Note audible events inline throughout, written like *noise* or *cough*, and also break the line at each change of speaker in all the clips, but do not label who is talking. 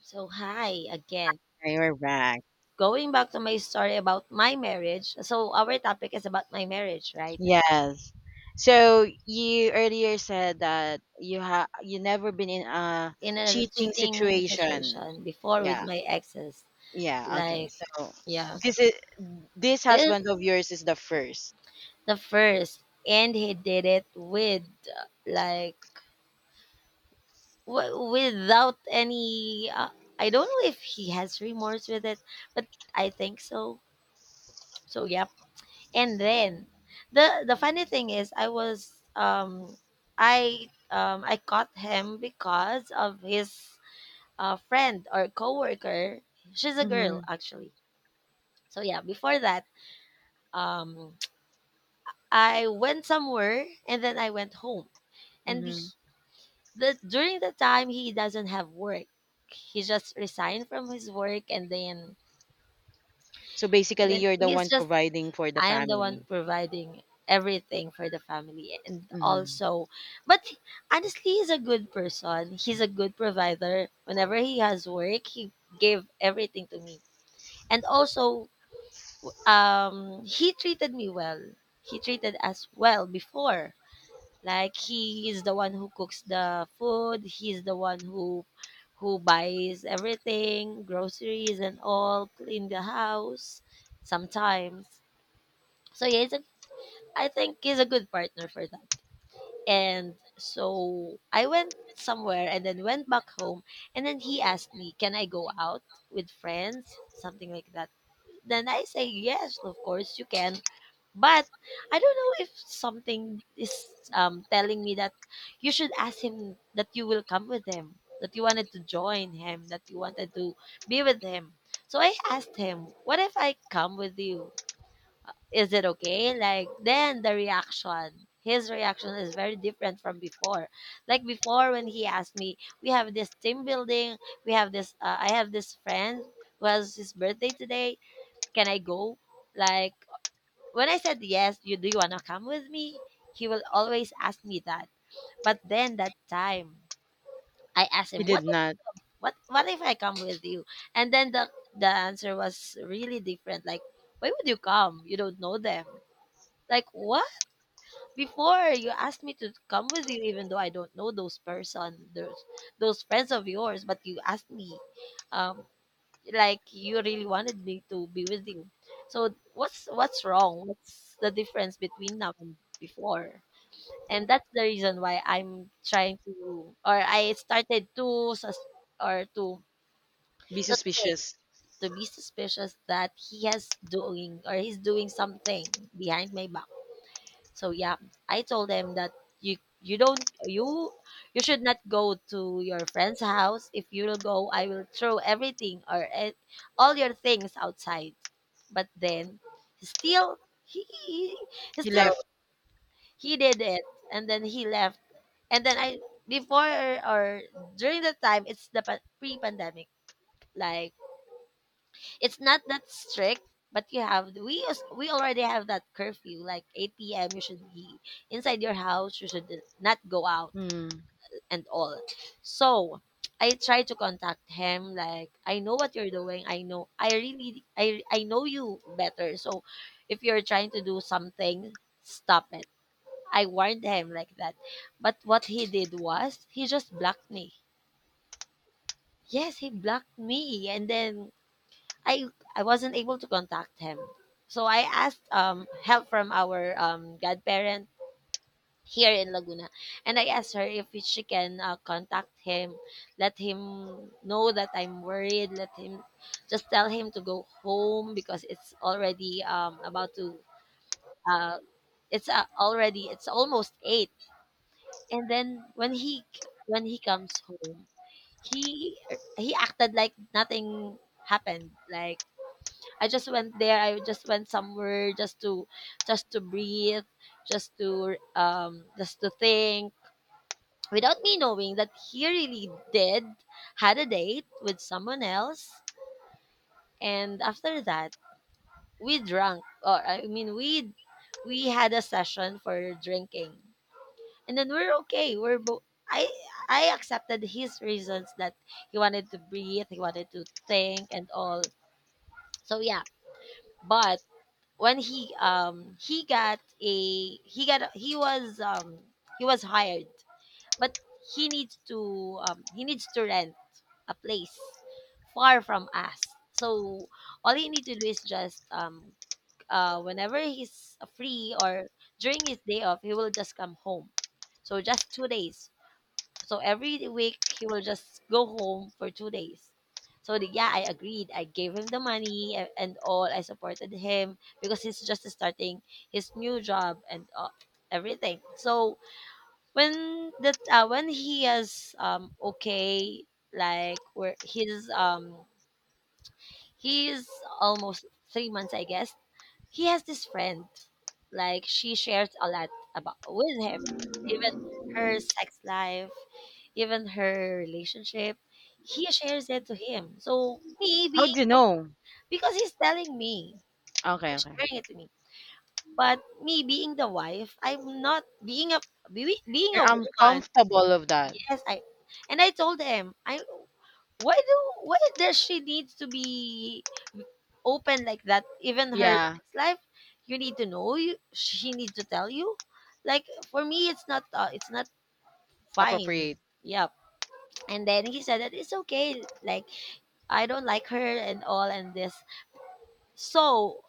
So, hi again.
We're back.
Going back to my story about my marriage. So, our topic is about my marriage, right?
Yes. So you earlier said that you never been in a
In a
cheating
cheating
situation.
situation before with
Yeah.
my exes.
Yeah. Okay.
Like,
So
yeah.
this is this
This is
husband of yours is the first.
the first. And he did it with, like, without any. I don't know if he has remorse with it, but I think so. So, yeah. And then the funny thing is, I was I caught him because of his friend or coworker. She's a
Mm-hmm.
girl, actually. So yeah, before that, um *tsk* I went somewhere and then I went home. And he,
Mm-hmm.
the During the time he doesn't have work, he just resigned from his work. and then
So
and
basically,
then
you're the one
he's just
providing for the
I am the
family.
one providing everything for the family, and
Mm-hmm.
also. But honestly, he's a good person. He's a good provider. Whenever he has work, he gave everything to me. And also, he treated me well. He treated us well before. Like, he is the one who cooks the food, he's the one who buys everything, groceries and all, clean the house sometimes. So yeah, it's a, I think he's a good partner for that. And so I went somewhere and then went back home. And then he asked me, "Can I go out with friends?" Something like that. Then I say, "Yes, of course you can." But I don't know if something is, telling me that you should ask him that you will come with him, that you wanted to join him, that you wanted to be with him. So I asked him, "What if I come with you? Is it okay?" Like, then the reaction, his reaction is very different from before. Like before when he asked me, "We have this team building, we have this, I have this friend who has his birthday today. Can I go?" Like, when I said yes, you do you wanna come with me? He will always ask me that. But then that time I asked
He
him,
did
What
not
what what if I come with you? And then the answer was really different. Like, why would you come? You don't know them, like what. Before, you asked me to come with you, even though I don't know those person, those friends of yours, but you asked me, um, like, you really wanted me to be with you. So what's wrong? What's the difference between now and before? And that's the reason why I'm trying to, or I started to, or to,
be
to think,
suspicious.
to be suspicious that he's doing something behind my back. So yeah, I told them that you don't you you should not go to your friend's house. If you will go, I will throw everything, or all your things outside. But then still, he, he he
He
still
left.
he did it and then he left. And then I, before or during the time, it's the pre-pandemic. Like, it's not that strict, but you have, we already have that curfew, like 8 p.m. You should be inside your house, you should not go out
Mm.
and all. So I try to contact him, like, "I know what you're doing, I know, I really I know you better, so if you're trying to do something, stop it." I warned him like that. But what he did was, he just blocked me. Yes, he blocked me, and then I I wasn't able to contact him. So I asked, help from our godparent here in Laguna, and I asked her if she can, contact him, let him know that I'm worried, let him, just tell him to go home because it's already, about to, uh it's, already, it's almost 8. And then when he comes home, he he acted like nothing happened, like, "I just went there. I just went somewhere just to, just to breathe, just to think," without me knowing that he really did had a date with someone else. And after that, we drank, or I mean, we had a session for drinking. And then we're okay. We're both I accepted his reasons, that he wanted to breathe, he wanted to think and all. So yeah, but when he got a, he got a, he was um he was hired. But he needs to rent a place far from us. So all he need to do is just, whenever he's free, or during his day off he will just come home. So just 2 days. So every week he will just go home for 2 days. So, yeah, I agreed. I gave him the money, and all. I supported him because he's just starting his new job and, everything. So, when that, when he is, okay, like, where he's almost 3 months, I guess. He has this friend, like, she shares a lot about with him, even her sex life, even her relationship. He shares it to him. So, me
How
being
do you
the,
know?
because he's telling me,
Okay.
he's
Okay.
sharing it to me. But me being the wife, I'm not being a, being
You're
a woman.
uncomfortable of that.
Yes, I, and I told him, I, why do why does she need to be open like that? Even her
Yeah.
sex life, you need to know. You She needs to tell you. Like for me, it's not, fine.
Appropriate.
Yeah. And then he said that it's okay. Like, I don't like her and all, and this. So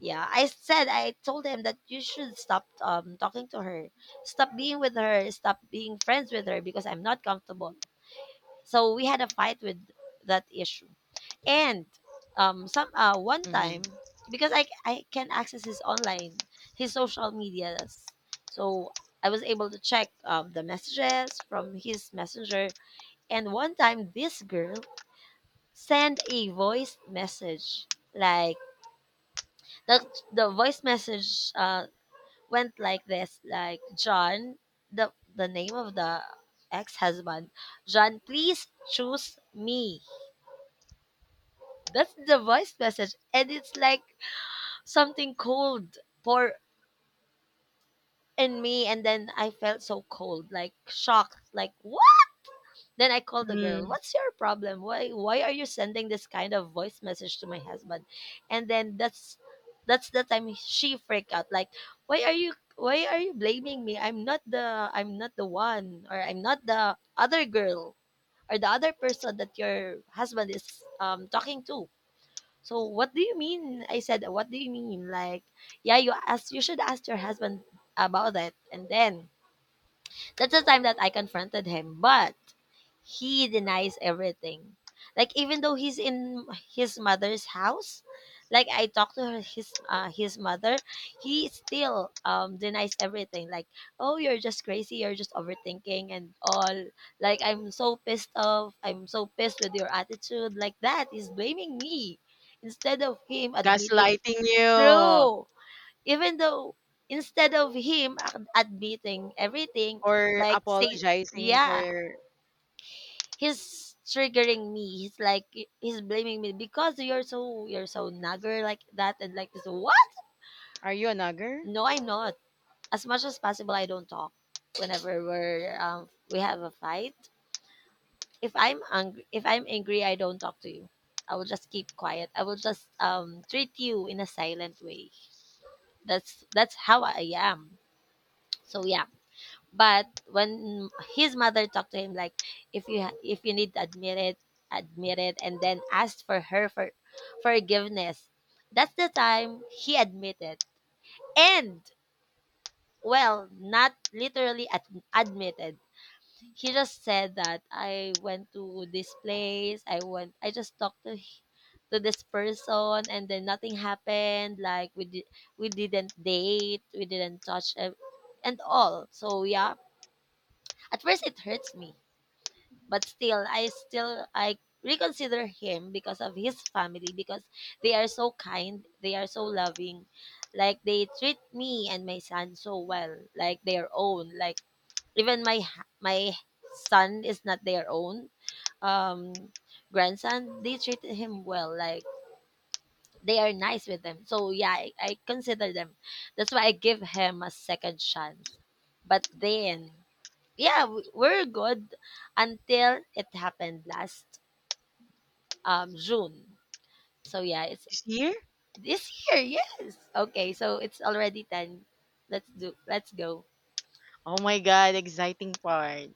yeah, I told him that you should stop, talking to her, stop being with her, stop being friends with her because I'm not comfortable. So we had a fight with that issue. And, some one
Mm-hmm.
time, because I can access his online, his social medias. So I was able to check, the messages from his messenger. And one time, this girl sent a voice message. Like, the, the voice message, went like this, like, "John," the name of the ex husband, "John, please choose me." That's the voice message. And it's like something cold pour in me. And then I felt so cold, like shocked, like, what? Then I called the girl,
Mm-hmm.
"What's your problem? Why are you sending this kind of voice message to my husband?" And then that's the time she freaked out, like, Why are you blaming me? I'm not the one, or I'm not the other girl, or the other person that your husband is, talking to. So what do you mean? I said, what do you mean? Like, yeah, You should ask your husband about that. And then that's the time that I confronted him. But he denies everything. Like, even though he's in his mother's house, like I talked to her, his, mother, he still, denies everything. Like, "Oh, you're just crazy, you're just overthinking and all." Like, I'm so pissed off, I'm so pissed with your attitude like that. He's blaming me instead of him admitting.
Gaslighting you,
True. Even though, instead of him admitting everything,
or
like say,
apologizing for,
yeah, he's triggering me. He's like, he's blaming me because, "You're so, nagger," like that and like this. What?
are you a nagger,
No, I'm not. As much as possible, I don't talk. Whenever we have a fight, if I'm angry, I don't talk to you. I will just keep quiet. I will just, treat you in a silent way. That's how I am. So yeah, but when his mother talked to him, like, "If you if you need to admit it, and then asked for her for forgiveness." That's the time he admitted, and well, not literally admitted. He just said that, "I went to this place. I went. I just talked to, to this person, and then nothing happened. Like, we didn't date. We didn't touch, and all." So yeah, at first it hurts me, but still I reconsider him because of his family, because they are so kind, they are so loving. Like, they treat me and my son so well, like their own. Like, even my son is not their own, um grandson. They treated him well, like, they are nice with them. So yeah, I consider them. That's why I give him a second chance. But then, yeah, we're good until it happened last, June. So yeah, it's
this year?
this year. Yes. Okay, so it's already 10. Let's go.
Oh my God, exciting part.